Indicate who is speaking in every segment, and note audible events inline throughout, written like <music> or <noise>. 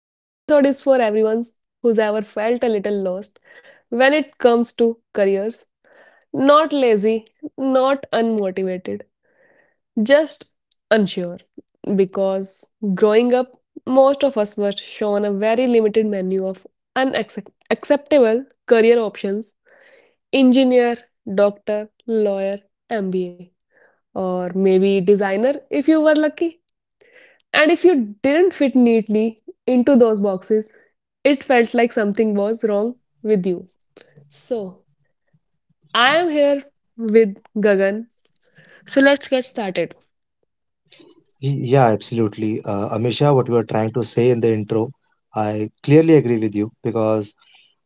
Speaker 1: Today's episode is for everyone who's ever felt a little lost when it comes to careers. Not lazy, not unmotivated, just unsure. Because growing up, most of us were shown a very limited menu of unacceptable career options engineer, doctor, lawyer, MBA, or maybe designer if you were lucky. And if you didn't fit neatly into those boxes, it felt like something was wrong with you. So, I am here with Gagan. So, let's get started.
Speaker 2: Yeah, absolutely. Amisha, what you were trying to say in the intro, I clearly agree with you because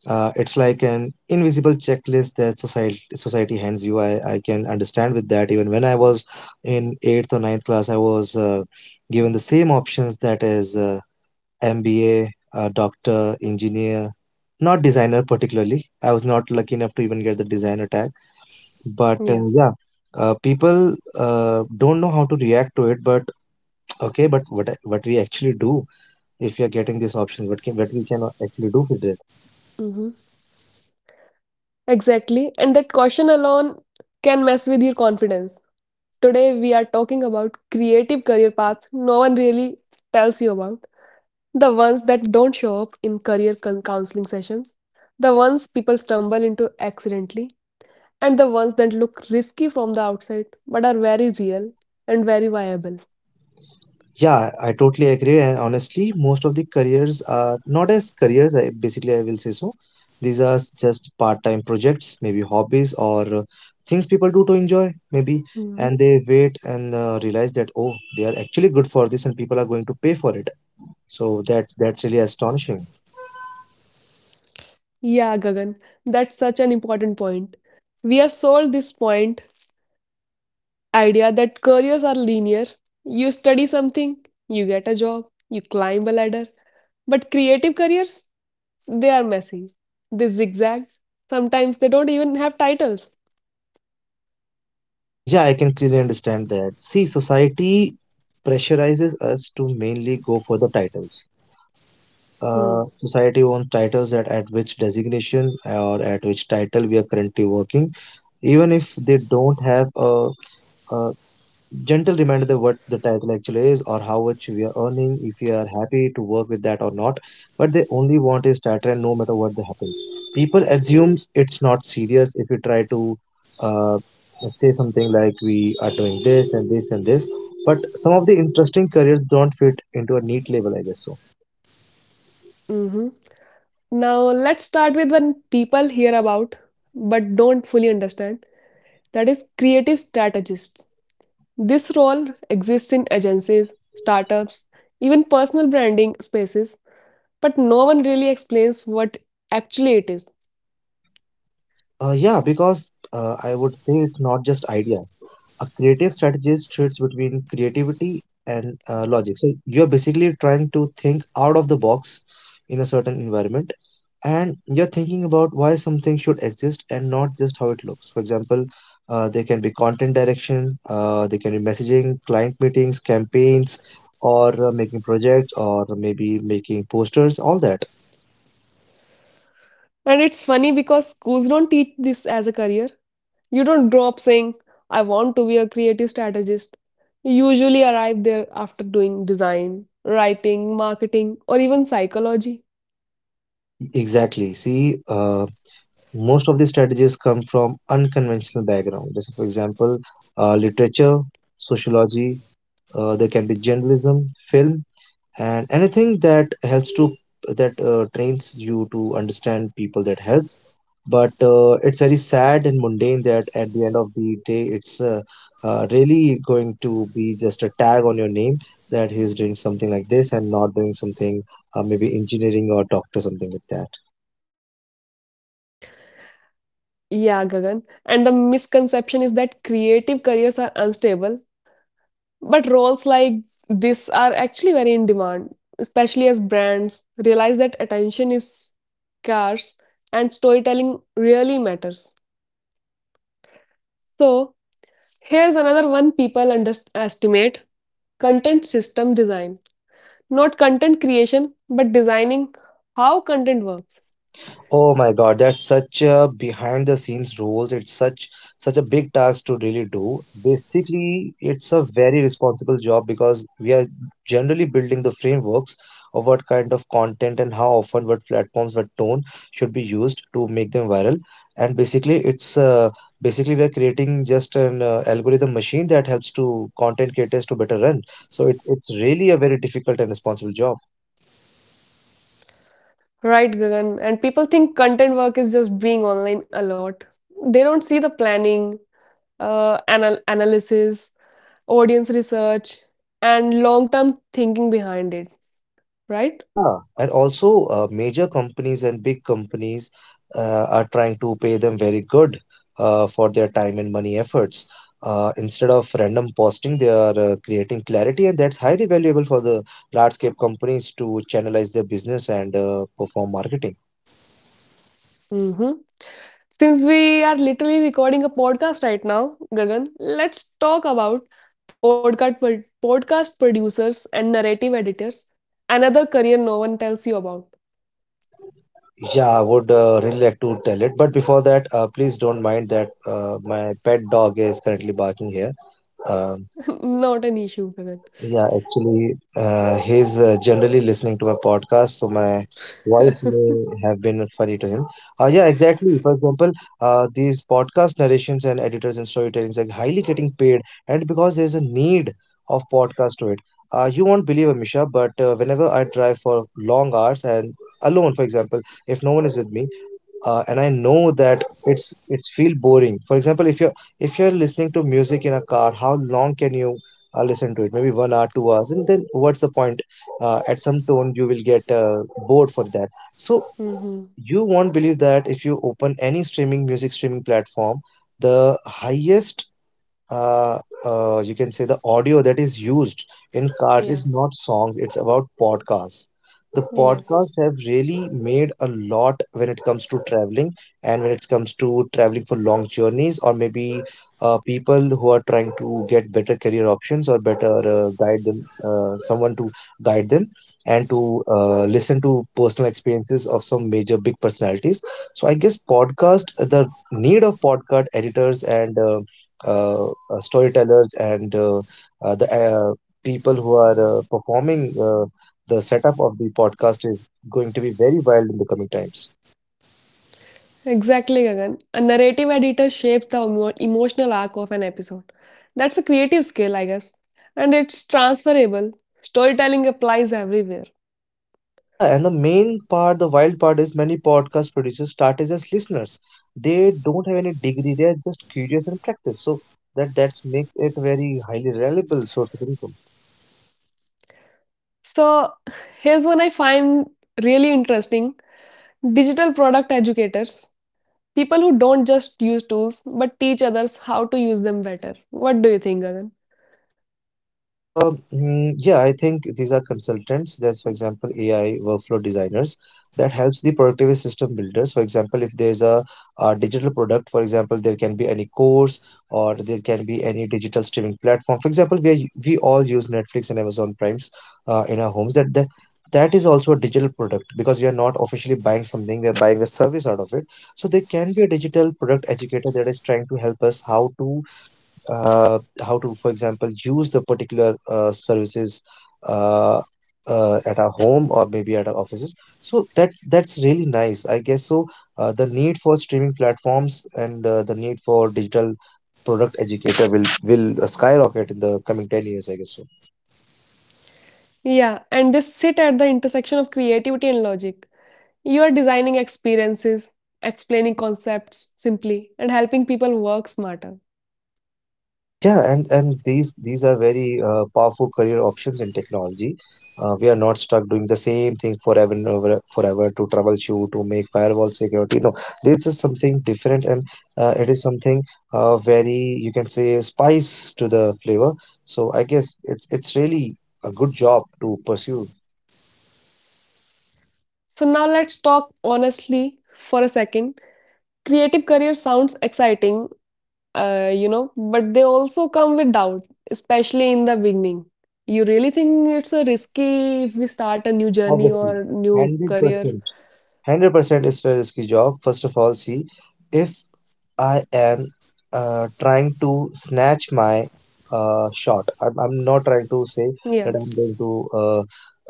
Speaker 2: it's like an invisible checklist that society hands you. I can understand with that. Even when I was in eighth or ninth class, I was given the same options that is MBA, doctor, engineer, not designer particularly. I was not lucky enough to even get the designer tag. But
Speaker 1: Yeah.
Speaker 2: yeah, people don't know how to react to it. But okay, but what we actually do if we are getting these options, what can, what we can actually do with it?
Speaker 1: Mm-hmm. Exactly. And that caution alone can mess with your confidence. Today, we are talking about creative career paths no one really tells you about. The ones that don't show up in career counseling sessions, the ones people stumble into accidentally, and the ones that look risky from the outside but are very real and very viable.
Speaker 2: Yeah, I totally agree. And honestly, most of the careers are not as careers. I will say so. These are just part-time projects, maybe hobbies or things people do to enjoy, maybe.
Speaker 1: Mhm.
Speaker 2: And they wait and realize that oh, they are actually good for this, and people are going to pay for it. So that's really astonishing.
Speaker 1: Yeah, Gagan, that's such an important point. We are sold this point idea that careers are linear. You study something, you get a job, you climb a ladder. But creative careers, they are messy. They zigzag. Sometimes they don't even have titles.
Speaker 2: Yeah, I can clearly understand that. See, society pressurizes us to mainly go for the titles.
Speaker 1: Hmm.
Speaker 2: Society owns titles that at which designation or at which title we are currently working, even if they don't have a gentle reminder that what the title actually is or how much we are earning, if we are happy to work with that or not. But they only want is title, and no matter what that happens, people assumes it's not serious if you try to uh, say something like we are doing this and this and this. But some of the interesting careers don't fit into a neat label, I guess so.
Speaker 1: hmm Now, let's start with when people hear about but don't fully understand that is creative strategists. This role exists in agencies, startups, even personal branding spaces, but no one really explains what actually it is.
Speaker 2: Yeah, because I would say it's not just ideas. A creative strategist trades between creativity and logic. So you're basically trying to think out of the box in a certain environment, and you're thinking about why something should exist and not just how it looks. For example, there can be content direction, there can be messaging, client meetings, campaigns, or making projects, or maybe making posters, all that.
Speaker 1: And it's funny because schools don't teach this as a career. You don't grow up saying, I want to be a creative strategist. You usually arrive there after doing design, writing, marketing, or even psychology.
Speaker 2: Exactly. See, most of the strategies come from unconventional background. Just for example, literature, sociology, there can be journalism, film, and anything that helps to that trains you to understand people that helps. But it's very sad and mundane that at the end of the day, it's really going to be just a tag on your name that he's doing something like this and not doing something, maybe engineering or doctor, something like that.
Speaker 1: Yeah, Gagan. And the misconception is that creative careers are unstable. But roles like this are actually very in demand, especially as brands realize that attention is scarce and storytelling really matters. So, here's another one people underestimate content system design. Not content creation, but designing how content works.
Speaker 2: Oh my God, that's such a behind the scenes role. It's such a big task to really do. Basically, it's a very responsible job because we are generally building the frameworks of what kind of content and how often, what platforms, what tone should be used to make them viral. And basically, it's basically we are creating just an algorithm machine that helps to content creators to better run. So it's really a very difficult and responsible job.
Speaker 1: Right, Gagan? And people think content work is just being online a lot. They don't see the planning, analysis, audience research, and long term thinking behind it, right?
Speaker 2: Yeah, and also major companies and big companies are trying to pay them very good for their time and money efforts. Instead of random posting, they are creating clarity, and that's highly valuable for the large-scale companies to channelize their business and perform marketing.
Speaker 1: hmm Since we are literally recording a podcast right now, Gagan, let's talk about podcast producers and narrative editors. Another career no one tells you about.
Speaker 2: Yeah, I would really like to tell it, but before that, please don't mind that my pet dog is currently barking here. Uh,
Speaker 1: <laughs> Not an issue, Gagan.
Speaker 2: Yeah, actually, he's generally listening to my podcast, so my voice may
Speaker 1: <laughs>
Speaker 2: have been funny to him. Yeah, exactly. For example, these podcast narrations and editors and storytellings are highly getting paid, and because there's a need of podcast to it. You won't believe it, Misha, but whenever I drive for long hours and alone, for example, if no one is with me, and I know that it's feel boring. For example, if you're listening to music in a car, how long can you listen to it? Maybe 1 hour, 2 hours, and then what's the point? At some tone you will get bored for that. So
Speaker 1: hmm
Speaker 2: you won't believe that if you open any streaming platform, the highest uh, you can say the audio that is used in cars
Speaker 1: Yeah.
Speaker 2: is not songs, it's about podcasts. The podcasts
Speaker 1: Yes.
Speaker 2: have really made a lot when it comes to traveling, and when it comes to traveling for long journeys, or maybe people who are trying to get better career options or better someone to guide them and to listen to personal experiences of some major big personalities. So I guess podcast, the need of podcast editors and uh, storytellers and the people who are performing the setup of the podcast is going to be very wild in the coming times.
Speaker 1: Exactly, Gagan. A narrative editor shapes the emotional arc of an episode. That's a creative skill, I guess. And it's transferable. Storytelling applies everywhere.
Speaker 2: Yeah, and the main part, the wild part is many podcast producers started as listeners. They don't have any degree, they are just curious and practice. So that that's makes it very highly reliable source of income.
Speaker 1: So, here's one I find really interesting digital product educators, people who don't just use tools but teach others how to use them better. What do you think, Gagan?
Speaker 2: Yeah, I think these are consultants. There's, for example, AI workflow designers that helps the productivity system builders. For example, if there's a digital product, for example, there can be any course or there can be any digital streaming platform. For example, we all use Netflix and Amazon Primes in our homes. That is also a digital product because we are not officially buying something; we are buying a service out of it. So there can be a digital product educator that is trying to help us how to uh, for example, use the particular services uh, at our home or maybe at our offices. So that's really nice, I guess. So the need for streaming platforms and the need for digital product educator will skyrocket in the coming 10 years, I guess so.
Speaker 1: Yeah, and they sit at the intersection of creativity and logic. You are designing experiences, explaining concepts simply, and helping people work smarter.
Speaker 2: Yeah, and these are very powerful career options in technology. We are not stuck doing the same thing forever and over, forever to troubleshoot to make firewall security. No, this is something different, and it is something very, you can say, spice to the flavor. So I guess it's really a good job to pursue.
Speaker 1: So, now let's talk honestly for a second. Creative career sounds exciting, but they also come with doubt, especially in the beginning. You really think it's a risky if we start a new journey
Speaker 2: Obviously,
Speaker 1: or new
Speaker 2: hundred
Speaker 1: career?
Speaker 2: percent, 100% is a risky job. First of all, see if I am trying to snatch my shot. I'm not trying to say
Speaker 1: Yeah,
Speaker 2: that I'm going to uh,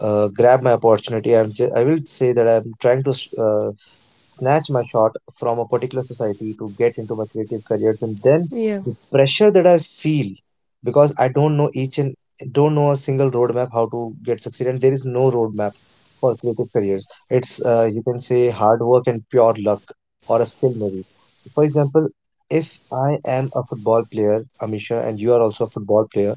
Speaker 2: uh, grab my opportunity. I will say that I'm trying to snatch my shot from a particular society to get into my creative careers, and then
Speaker 1: yeah,
Speaker 2: the pressure that I feel because I don't know a single roadmap how to get succeed, and there is no roadmap for creative careers. It's you can say hard work and pure luck, or a skill maybe. For example, if I am a football player, Amisha, and you are also a football player,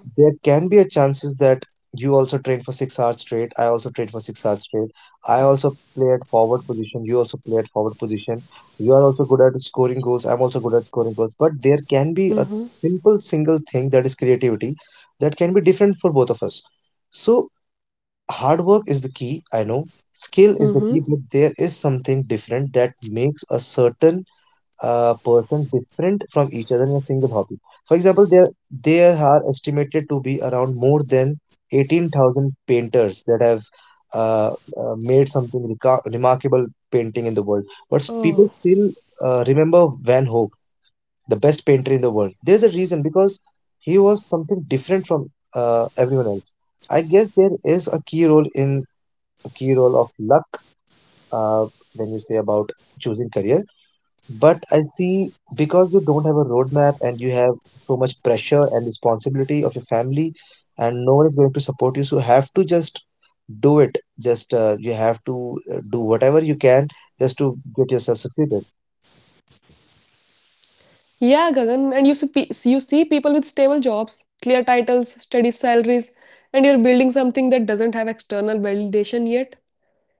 Speaker 1: yeah.
Speaker 2: there can be a chances that you also train for 6 hours straight, I also train for 6 hours straight, I also play at forward position, you also play at forward position, you are also good at scoring goals, I'm also good at scoring goals, but there can be a
Speaker 1: Mm-hmm,
Speaker 2: simple single thing that is creativity that can be different for both of us. So hard work is the key, I know skill is the key, but
Speaker 1: mm-hmm.
Speaker 2: there is something different that makes a certain person different from each other in a single hobby. For example, there are estimated to be around more than 18,000 painters that have uh, made something remarkable painting in the world. But people still
Speaker 1: Oh,
Speaker 2: remember Van Gogh, the best painter in the world. There's a reason because he was something different from everyone else. I guess there is a key role of luck uh, when you say about choosing career. But I see, because you don't have a roadmap and you have so much pressure and responsibility of your family, and no one is going to support you, so you have to just do it. Just you have to do whatever you can just to get yourself succeeded.
Speaker 1: yeah, Gagan, and you see, you see people with stable jobs, clear titles, steady salaries, and you're building something that doesn't have external validation yet.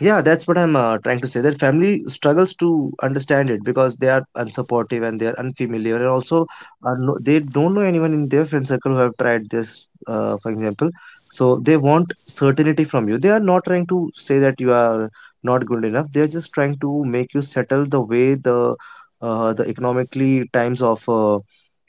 Speaker 2: Yeah, that's what I'm trying to say. That family struggles to understand it because they are unsupportive and they are unfamiliar, and also are no, they don't know anyone in their friend circle who have tried this, for example. So they want certainty from you. They are not trying to say that you are not good enough. They are just trying to make you settle the way the economically times of uh,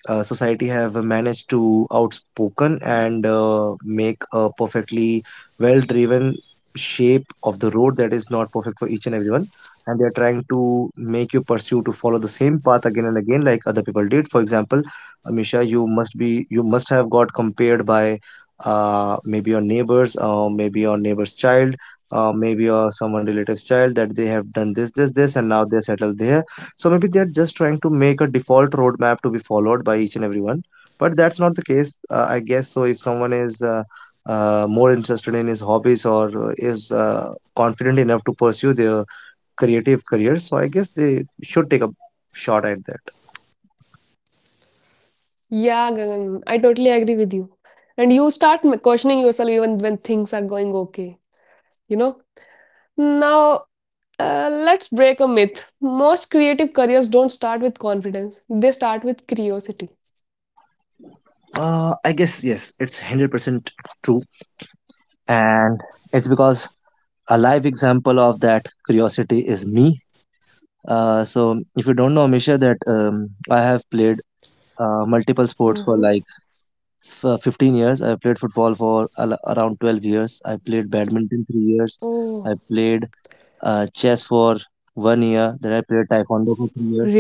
Speaker 2: uh, society have managed to outspoken and make a perfectly well driven shape of the road that is not perfect for each and everyone, and they are trying to make you pursue to follow the same path again and again like other people did. For example, Amisha, you must have got compared by maybe your neighbors, maybe your neighbor's child, maybe your someone relative's child, that they have done this this this and now they settled there. So maybe they're just trying to make a default roadmap to be followed by each and everyone. But that's not the case, I guess. So if someone is more interested in his hobbies, or is confident enough to pursue their creative career, so I guess they should take a shot at that.
Speaker 1: Yeah, Gagan, I totally agree with you. And you start questioning yourself even when things are going okay, you know? Now, let's break a myth. Most creative careers don't start with confidence, they start with curiosity.
Speaker 2: I guess yes, it's 100% true, and it's because a live example of that curiosity is me. So if you don't know, Misha, that I have played
Speaker 1: Uh-huh.
Speaker 2: multiple sports for like for 15 years. I played football for around 12 years. I played badminton 3
Speaker 1: Oh,
Speaker 2: years. I played chess for 1 year. Then I played taekwondo for 3 years.
Speaker 1: really?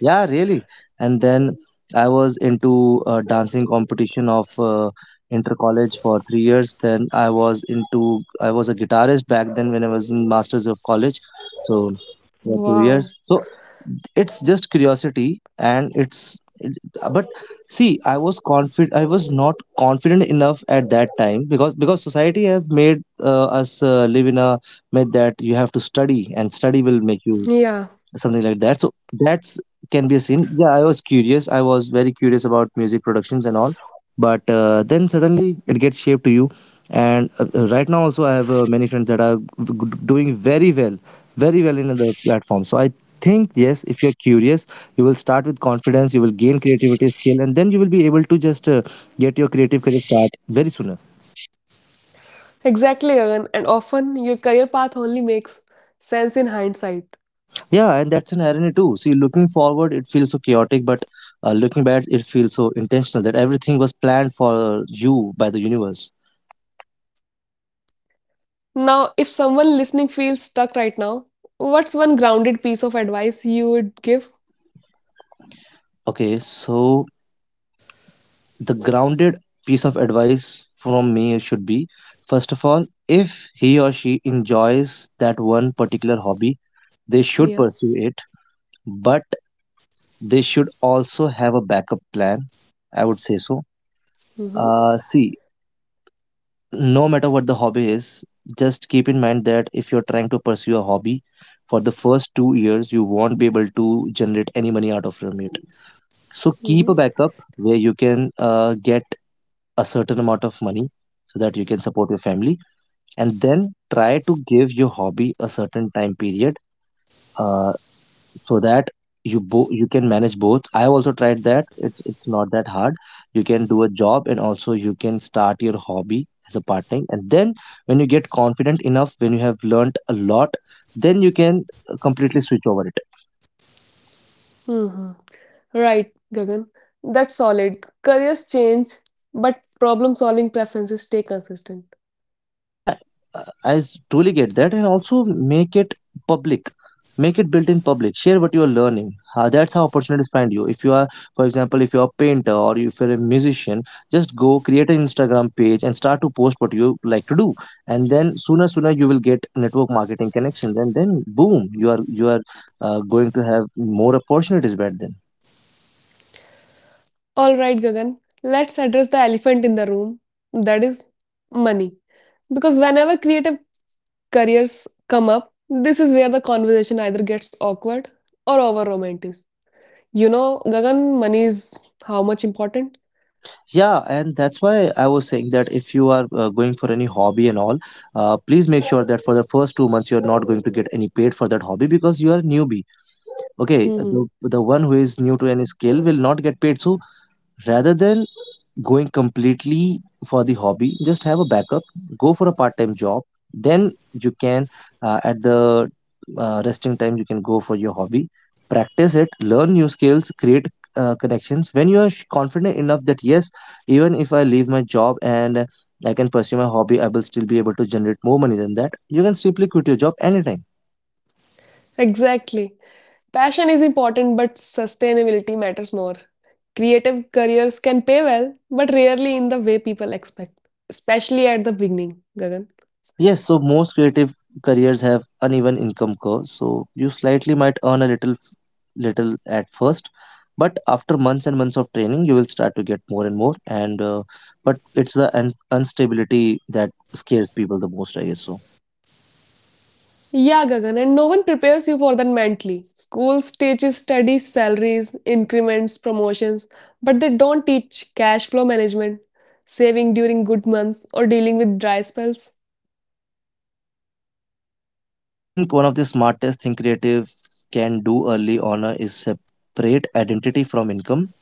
Speaker 2: Yeah, really. And then I was into dancing competition of inter college for 3 years. Then I was a guitarist back then when I was in masters of college. So for two
Speaker 1: Wow.
Speaker 2: years. So it's just curiosity and it's it- but, see, I was not confident enough at that time, because society have made us live in a myth that you have to study and study will make you
Speaker 1: Yeah.
Speaker 2: something like that. So that's can be a scene. Yeah, I was curious, I was very curious about music productions and all, but then suddenly it gets shaped to you. And right now also I have many friends that are doing very well, very well in the platform. So I think yes, if you're curious, you will start with confidence, you will gain creativity skill, and then you will be able to just get your creative career start very soon.
Speaker 1: Exactly, Gagan, and often your career path only makes sense in hindsight.
Speaker 2: Yeah, and that's an irony too. See, looking forward, it feels so chaotic, but looking back, it feels so intentional that everything was planned for you by the universe.
Speaker 1: Now, if someone listening feels stuck right now, what's one grounded piece of advice you would give?
Speaker 2: Okay, so the grounded piece of advice from me should be, first of all, if he or she enjoys that one particular hobby, they should
Speaker 1: Yeah.
Speaker 2: pursue it, but they should also have a backup plan. I would say so.
Speaker 1: Mm-hmm.
Speaker 2: See, no matter what the hobby is, just keep in mind that if you're trying to pursue a hobby for the first 2 years, you won't be able to generate any money out of from it. So keep a
Speaker 1: Mm-hmm.
Speaker 2: backup where you can get a certain amount of money so that you can support your family, and then try to give your hobby a certain time period. Uh, so that you can manage both. I have also tried that. It's not that hard. You can do a job and also you can start your hobby as a part time, and then when you get confident enough, when you have learned a lot, then you can completely switch over it.
Speaker 1: Mm-hmm. Right, Gagan. That's solid. Careers change, but problem solving preferences stay consistent.
Speaker 2: Yeah, truly get that. And also make it public, make it built in public, share what you are learning. That's how opportunities find you. If you are, for example, if you are a painter or if you're a musician, just go create an Instagram page and start to post what you like to do, and then sooner you will get network marketing connections, and then boom, you are going to have more opportunities back then.
Speaker 1: All right, Gagan. Let's address the elephant in the room. That is money. Because whenever creative careers come up, this is where the conversation either gets awkward or over romantic. You know, Gagan, money is how much important?
Speaker 2: Yeah, and that's why I was saying that if you are going for any hobby and all, please make sure that for the first 2 months you're not going to get any paid for that hobby because you are a newbie. Okay,
Speaker 1: hmm
Speaker 2: the one who is new to any skill will not get paid. So rather than going completely for the hobby, just have a backup, go for a part-time job, then you can at the resting time you can go for your hobby, practice it, learn new skills, create connections. When you are confident enough that yes, even if I leave my job and I can pursue my hobby I will still be able to generate more money than that, you can simply quit your job anytime.
Speaker 1: Exactly. Passion is important, but sustainability matters more. Creative careers can pay well, but rarely in the way people expect, especially at the beginning, Gagan.
Speaker 2: Yes, so most creative careers have uneven income curves. So you slightly might earn a little little at first, but after months and months of training, you will start to get more and more. And but it's the instability that scares people the most, I guess. So
Speaker 1: Yeah, Gagan, and no one prepares you for that mentally. Schools teaches study, salaries, increments, promotions, but they don't teach cash flow management, saving during good months, or dealing with dry spells.
Speaker 2: I think one of the smartest thing creatives can do early on is separate identity from income.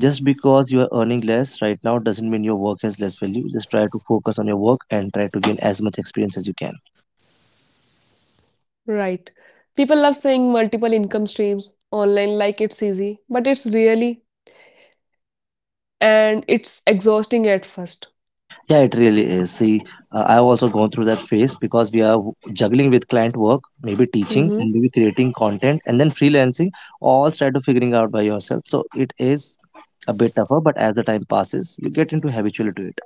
Speaker 2: Just because you are earning less right now doesn't mean your work has less value. Just try to focus on your work and try to gain as much experience as you can.
Speaker 1: Right. People love saying multiple income streams online like it's easy, but it's really and it's exhausting at first.
Speaker 2: Yeah, it really is. See, I've also gone through that phase because we are juggling with client work, maybe teaching,
Speaker 1: Mm-hmm.
Speaker 2: and maybe creating content, and then freelancing. All try to figuring out by yourself. So it is a bit tougher, but as the time passes, you get into habitual to it.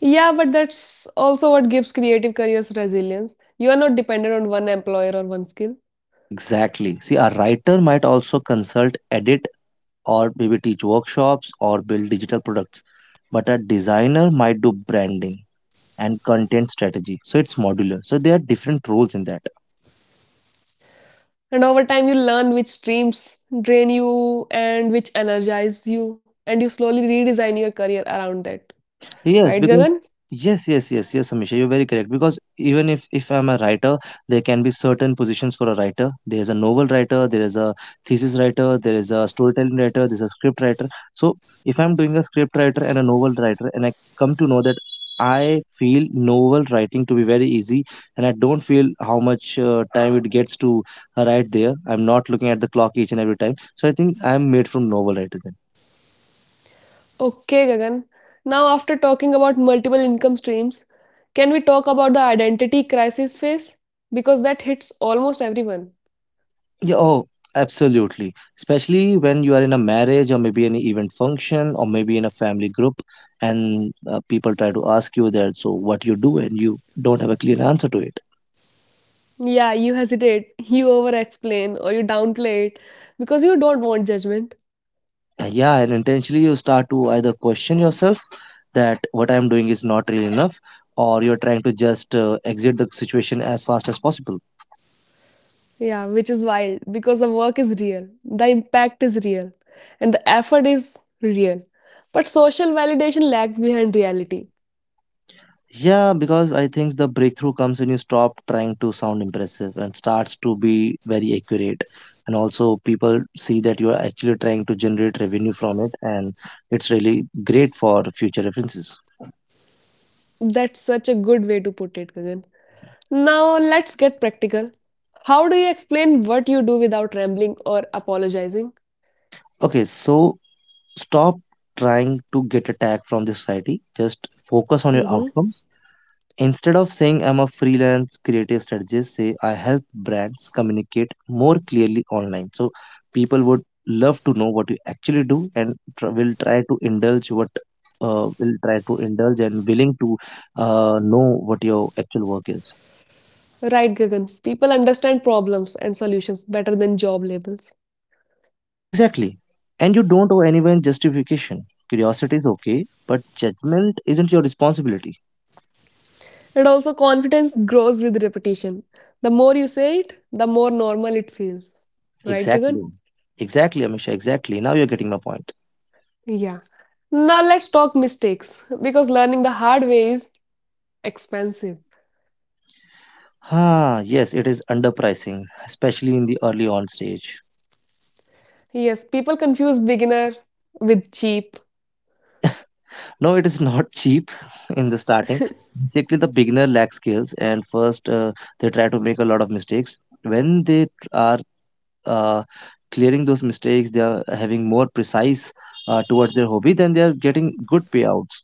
Speaker 1: Yeah, but that's also what gives creative careers resilience. You are not dependent on one employer or one skill.
Speaker 2: Exactly. See, a writer might also consult, edit, or maybe teach workshops or build digital products, but a designer might do branding and content strategy. So it's modular. So there are different roles in that.
Speaker 1: And over time, you learn which streams drain you and which energize you, and you slowly redesign your career around that.
Speaker 2: Yes,
Speaker 1: Right,
Speaker 2: because
Speaker 1: Gagan?
Speaker 2: yes, yes, yes, yes, Amisha, you're very correct. Because even if I'm a writer, there can be certain positions for a writer. There is a novel writer, there is a thesis writer, there is a storytelling writer, there's a script writer. So if I'm doing a script writer and a novel writer, and I come to know that I feel novel writing to be very easy, and I don't feel how much time it gets to write there. I'm not looking at the clock each and every time. So I think I'm made from novel writer.
Speaker 1: Okay, Gagan. Now, after talking about multiple income streams, can we talk about the identity crisis phase? Because that hits almost everyone.
Speaker 2: Yeah, oh, absolutely. Especially when you are in a marriage or maybe an event function or maybe in a family group, and people try to ask you that, so what you do, and you don't have a clear answer to it.
Speaker 1: Yeah, you hesitate, you over explain, or you downplay it because you don't want judgment.
Speaker 2: Yeah, and intentionally you start to either question yourself that what I'm doing is not real enough, or you're trying to just exit the situation as fast as possible.
Speaker 1: Yeah, which is wild because the work is real, the impact is real, and the effort is real. But social validation lags behind reality.
Speaker 2: Yeah, because I think the breakthrough comes when you stop trying to sound impressive and starts to be very accurate. And also, people see that you are actually trying to generate revenue from it, and it's really great for future references.
Speaker 1: That's such a good way to put it, Gagan. Now let's get practical. How do you explain what you do without rambling or apologizing?
Speaker 2: Okay, so stop trying to get a tag from the society, just focus on your
Speaker 1: Mm-hmm.
Speaker 2: outcomes. Instead of saying I'm a freelance creative strategist, say I help brands communicate more clearly online. So people would love to know what you actually do and will try to indulge and willing to know what your actual work is.
Speaker 1: Right, Gagan. People understand problems and solutions better than job labels.
Speaker 2: Exactly. And you don't owe anyone justification. Curiosity is okay, but judgment isn't your responsibility.
Speaker 1: And also, confidence grows with repetition. The more you say it, the more normal it feels. Right,
Speaker 2: Exactly.
Speaker 1: Gagan?
Speaker 2: Exactly, Amisha. Exactly. Now you're getting my point.
Speaker 1: Yeah. Now let's talk mistakes because learning the hard way is expensive.
Speaker 2: Ah, yes, it is underpricing, especially in the early on stage.
Speaker 1: Yes, people confuse beginner with cheap.
Speaker 2: No, it is not <laughs> cheap in the starting. Basically, the beginner lacks skills, and first they try to make a lot of mistakes. When they are uh, clearing those mistakes, they are having more precise towards their hobby, then they are getting good payouts.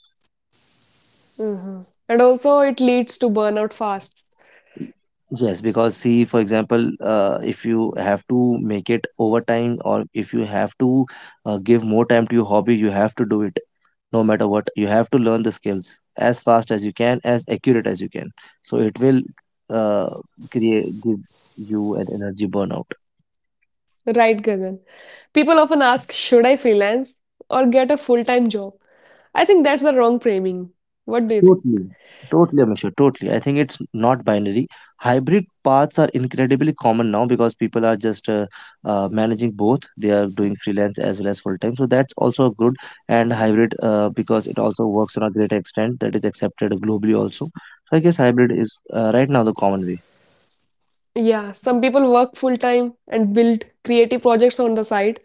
Speaker 1: Mhm. And also, it leads to burnout fast.
Speaker 2: Yes, because see, for example, if you have to make it overtime or if you have to give more time to your hobby, you have to do it, no matter what. You have to learn the skills as fast as you can, as accurate as you can. So it will uh, create give you an energy burnout.
Speaker 1: Right, Gagan. People often ask, should I freelance or get a full time job? I think that's the wrong framing. What do you think?
Speaker 2: Totally. Totally, Amisha, totally. I think it's not binary. Hybrid paths are incredibly common now because people are just managing both. They are doing freelance as well as full time. So that's also good. And hybrid, because it also works on a greater extent that is accepted globally also. So I guess hybrid is right now the common way.
Speaker 1: Yeah, some people work full time and build creative projects on the side.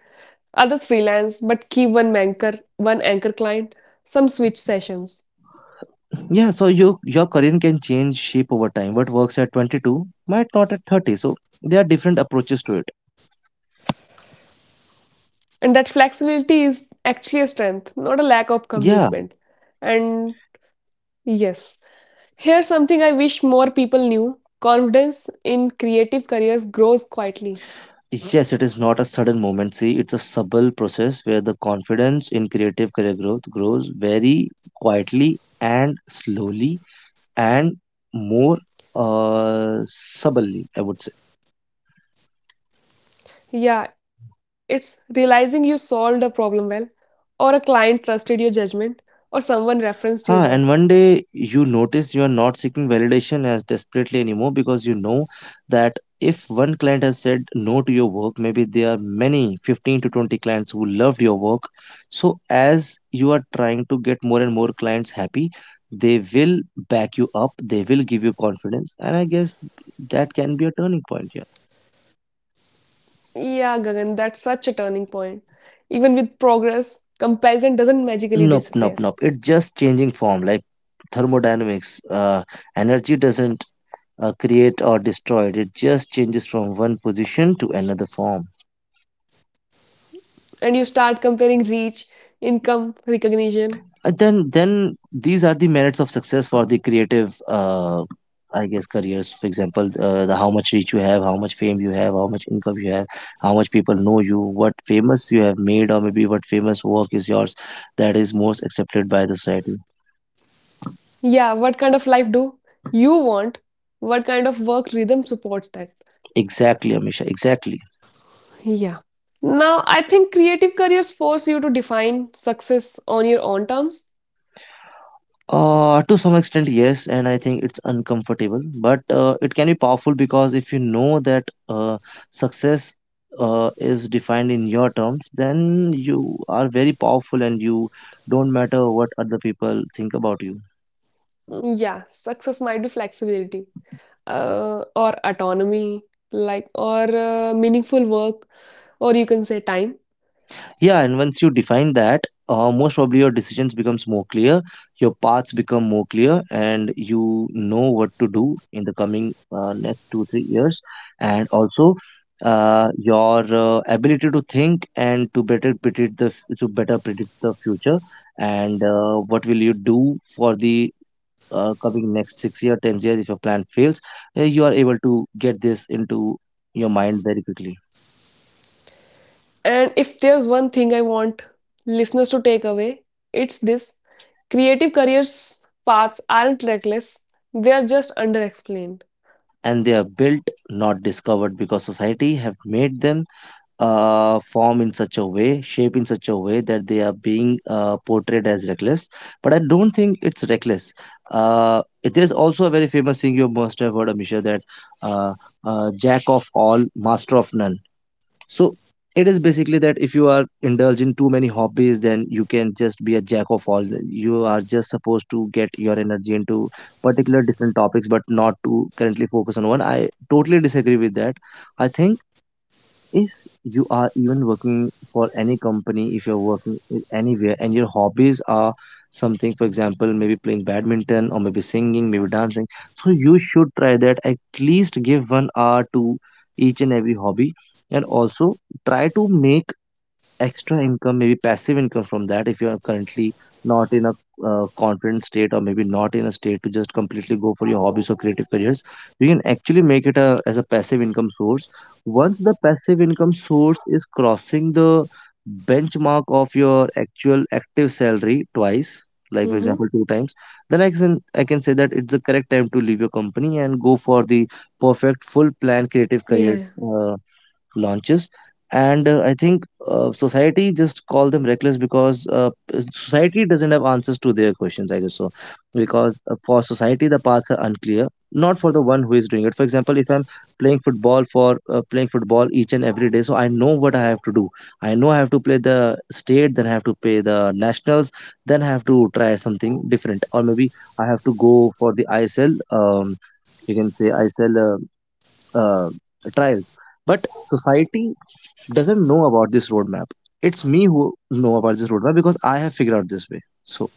Speaker 1: Others freelance but keep one anchor client. Some switch sessions.
Speaker 2: Yeah, so your career can change shape over time. What works at 22 might not at 30. So there are different approaches to it.
Speaker 1: And that flexibility is actually a strength, not a lack of
Speaker 2: Yeah,
Speaker 1: commitment. And yes, here's something I wish more people knew confidence in creative careers grows quietly.
Speaker 2: yes, it is not a sudden moment. See, it's a subtle process where the confidence in creative career growth grows very quietly and slowly and more subtly, I would say.
Speaker 1: Yeah, it's realizing you solved a problem well, or a client trusted your judgment, or someone
Speaker 2: Huh,
Speaker 1: referenced your
Speaker 2: and one
Speaker 1: work.
Speaker 2: day you notice you are not seeking validation as desperately anymore because you know that if one client has said no to your work, maybe there are many 15 to 20 clients who loved your work. So, as you are trying to get more and more clients happy, they will back you up, they will give you confidence, and I guess that can be a turning point here.
Speaker 1: Yeah, Gagan, that's such a turning point. Even with progress, comparison doesn't magically
Speaker 2: Nope,
Speaker 1: disappear.
Speaker 2: nope, nope. It's just changing form like thermodynamics. Energy doesn't create or destroyed, it just changes from one position to another form.
Speaker 1: And you start comparing reach, income, recognition.
Speaker 2: Then these are the merits of success for the creative I guess careers. For example, the how much reach you have, how much fame you have, how much income you have, how much people know you, what famous you have made, or maybe what famous work is yours that is most accepted by the society.
Speaker 1: Yeah, what kind of life do you want? What kind of work rhythm supports that?
Speaker 2: Exactly, Amisha, exactly.
Speaker 1: Yeah. Now, I think creative careers force you to define success on your own terms.
Speaker 2: To some extent, yes, and I think it's uncomfortable, but it can be powerful because if you know that success is defined in your terms, then you are very powerful and you don't matter what other people think about you.
Speaker 1: Yeah, success might be flexibility, or autonomy, like, or meaningful work, or you can say time.
Speaker 2: Yeah, and once you define that, most probably your decisions becomes more clear, your paths become more clear, and you know what to do in the coming next 2 3 years, and also your ability to think and to better predict the to better predict the future, and what will you do for the coming next 6 year, 10 years if your plan fails. You are able to get this into your mind very quickly.
Speaker 1: And if there's one thing I want listeners to take away, it's this creative careers paths aren't reckless, they are just underexplained.
Speaker 2: And they are built, not discovered, because society have made them form in such a way, shape in such a way that they are being portrayed as reckless, but I don't think it's reckless. It is also a very famous thing you must have heard, Amisha, that uh, jack of all, master of none. So it is basically that if you are indulging too many hobbies, then you can just be a jack of all. You are just supposed to get your energy into particular different topics, but not to currently focus on one. I totally disagree with that. I think if you are even working for any company, if you're working anywhere and your hobbies are something, for example, maybe playing badminton or maybe singing, maybe dancing, so you should try that, at least give 1 hour to each and every hobby, and also try to make extra income, maybe passive income from that. If you are currently not in a confident state or maybe not in a state to just completely go for your hobbies or creative careers, you can actually make it a, as a passive income source. Once the passive income source is crossing the benchmark of your actual active salary twice, like for example
Speaker 1: Mm-hmm.
Speaker 2: two times, then I can say that it's the correct time to leave your company and go for the perfect full plan creative
Speaker 1: Yeah, yeah.
Speaker 2: careers launches. And I think society just call them reckless because society doesn't have answers to their questions, I guess. So because for society the paths are unclear, not for the one who is doing it. For example, if I'm playing football, for playing football each and every day, so I know what I have to do. I know I have to play the state, then I have to play the nationals, then I have to try something different, or maybe I have to go for the ISL, you can say ISL uh, trials. But society doesn't know about this roadmap. It's me who know about this roadmap because I have figured out this way. So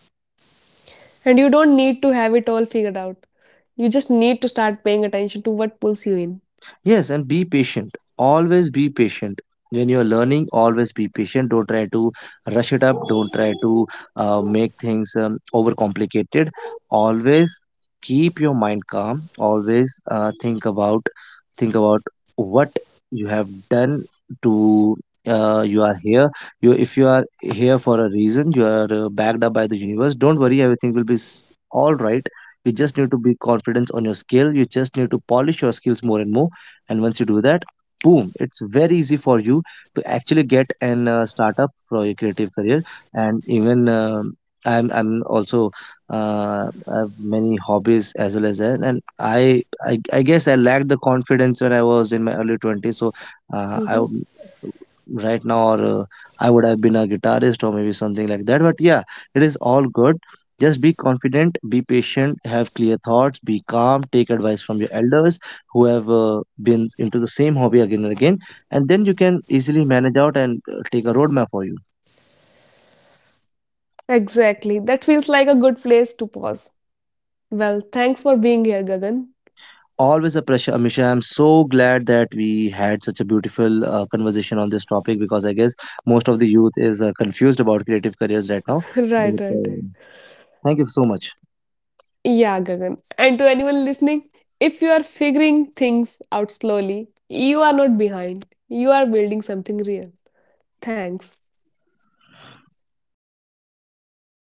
Speaker 1: And you don't need to have it all figured out. You just need to start paying attention to what pulls you in.
Speaker 2: yes, and be patient. Always be patient. When you're learning, always be patient. Don't try to rush it up. Don't try to make things overcomplicated. Always keep your mind calm. Always think about what you have done to. You are here. You, if you are here for a reason, you are backed up by the universe. Don't worry, everything will be all right. You just need to be confident on your skill. You just need to polish your skills more and more, and once you do that, boom, it's very easy for you to actually get and start up for your creative career. And even I'm also uh, have many hobbies as well as that. And I guess I lacked the confidence when I was in my early 20s. So uh, i
Speaker 1: Mhm.
Speaker 2: w- right now, or I would have been a guitarist or maybe something like that, but yeah, it is all good. Just be confident, be patient, have clear thoughts, be calm, take advice from your elders who have been into the same hobby again and again, and then you can easily manage out and take a roadmap for you.
Speaker 1: Exactly. That feels like a good place to pause. Well, thanks for being here, Gagan.
Speaker 2: Always a pleasure, Amisha. I'm so glad that we had such a beautiful conversation on this topic because I guess most of the youth is confused about creative careers right now.
Speaker 1: <laughs> Right,
Speaker 2: But
Speaker 1: right, right.
Speaker 2: thank you so much.
Speaker 1: Yeah, Gagan. And to anyone listening, if you are figuring things out slowly, you are not behind. You are building something real. Thanks.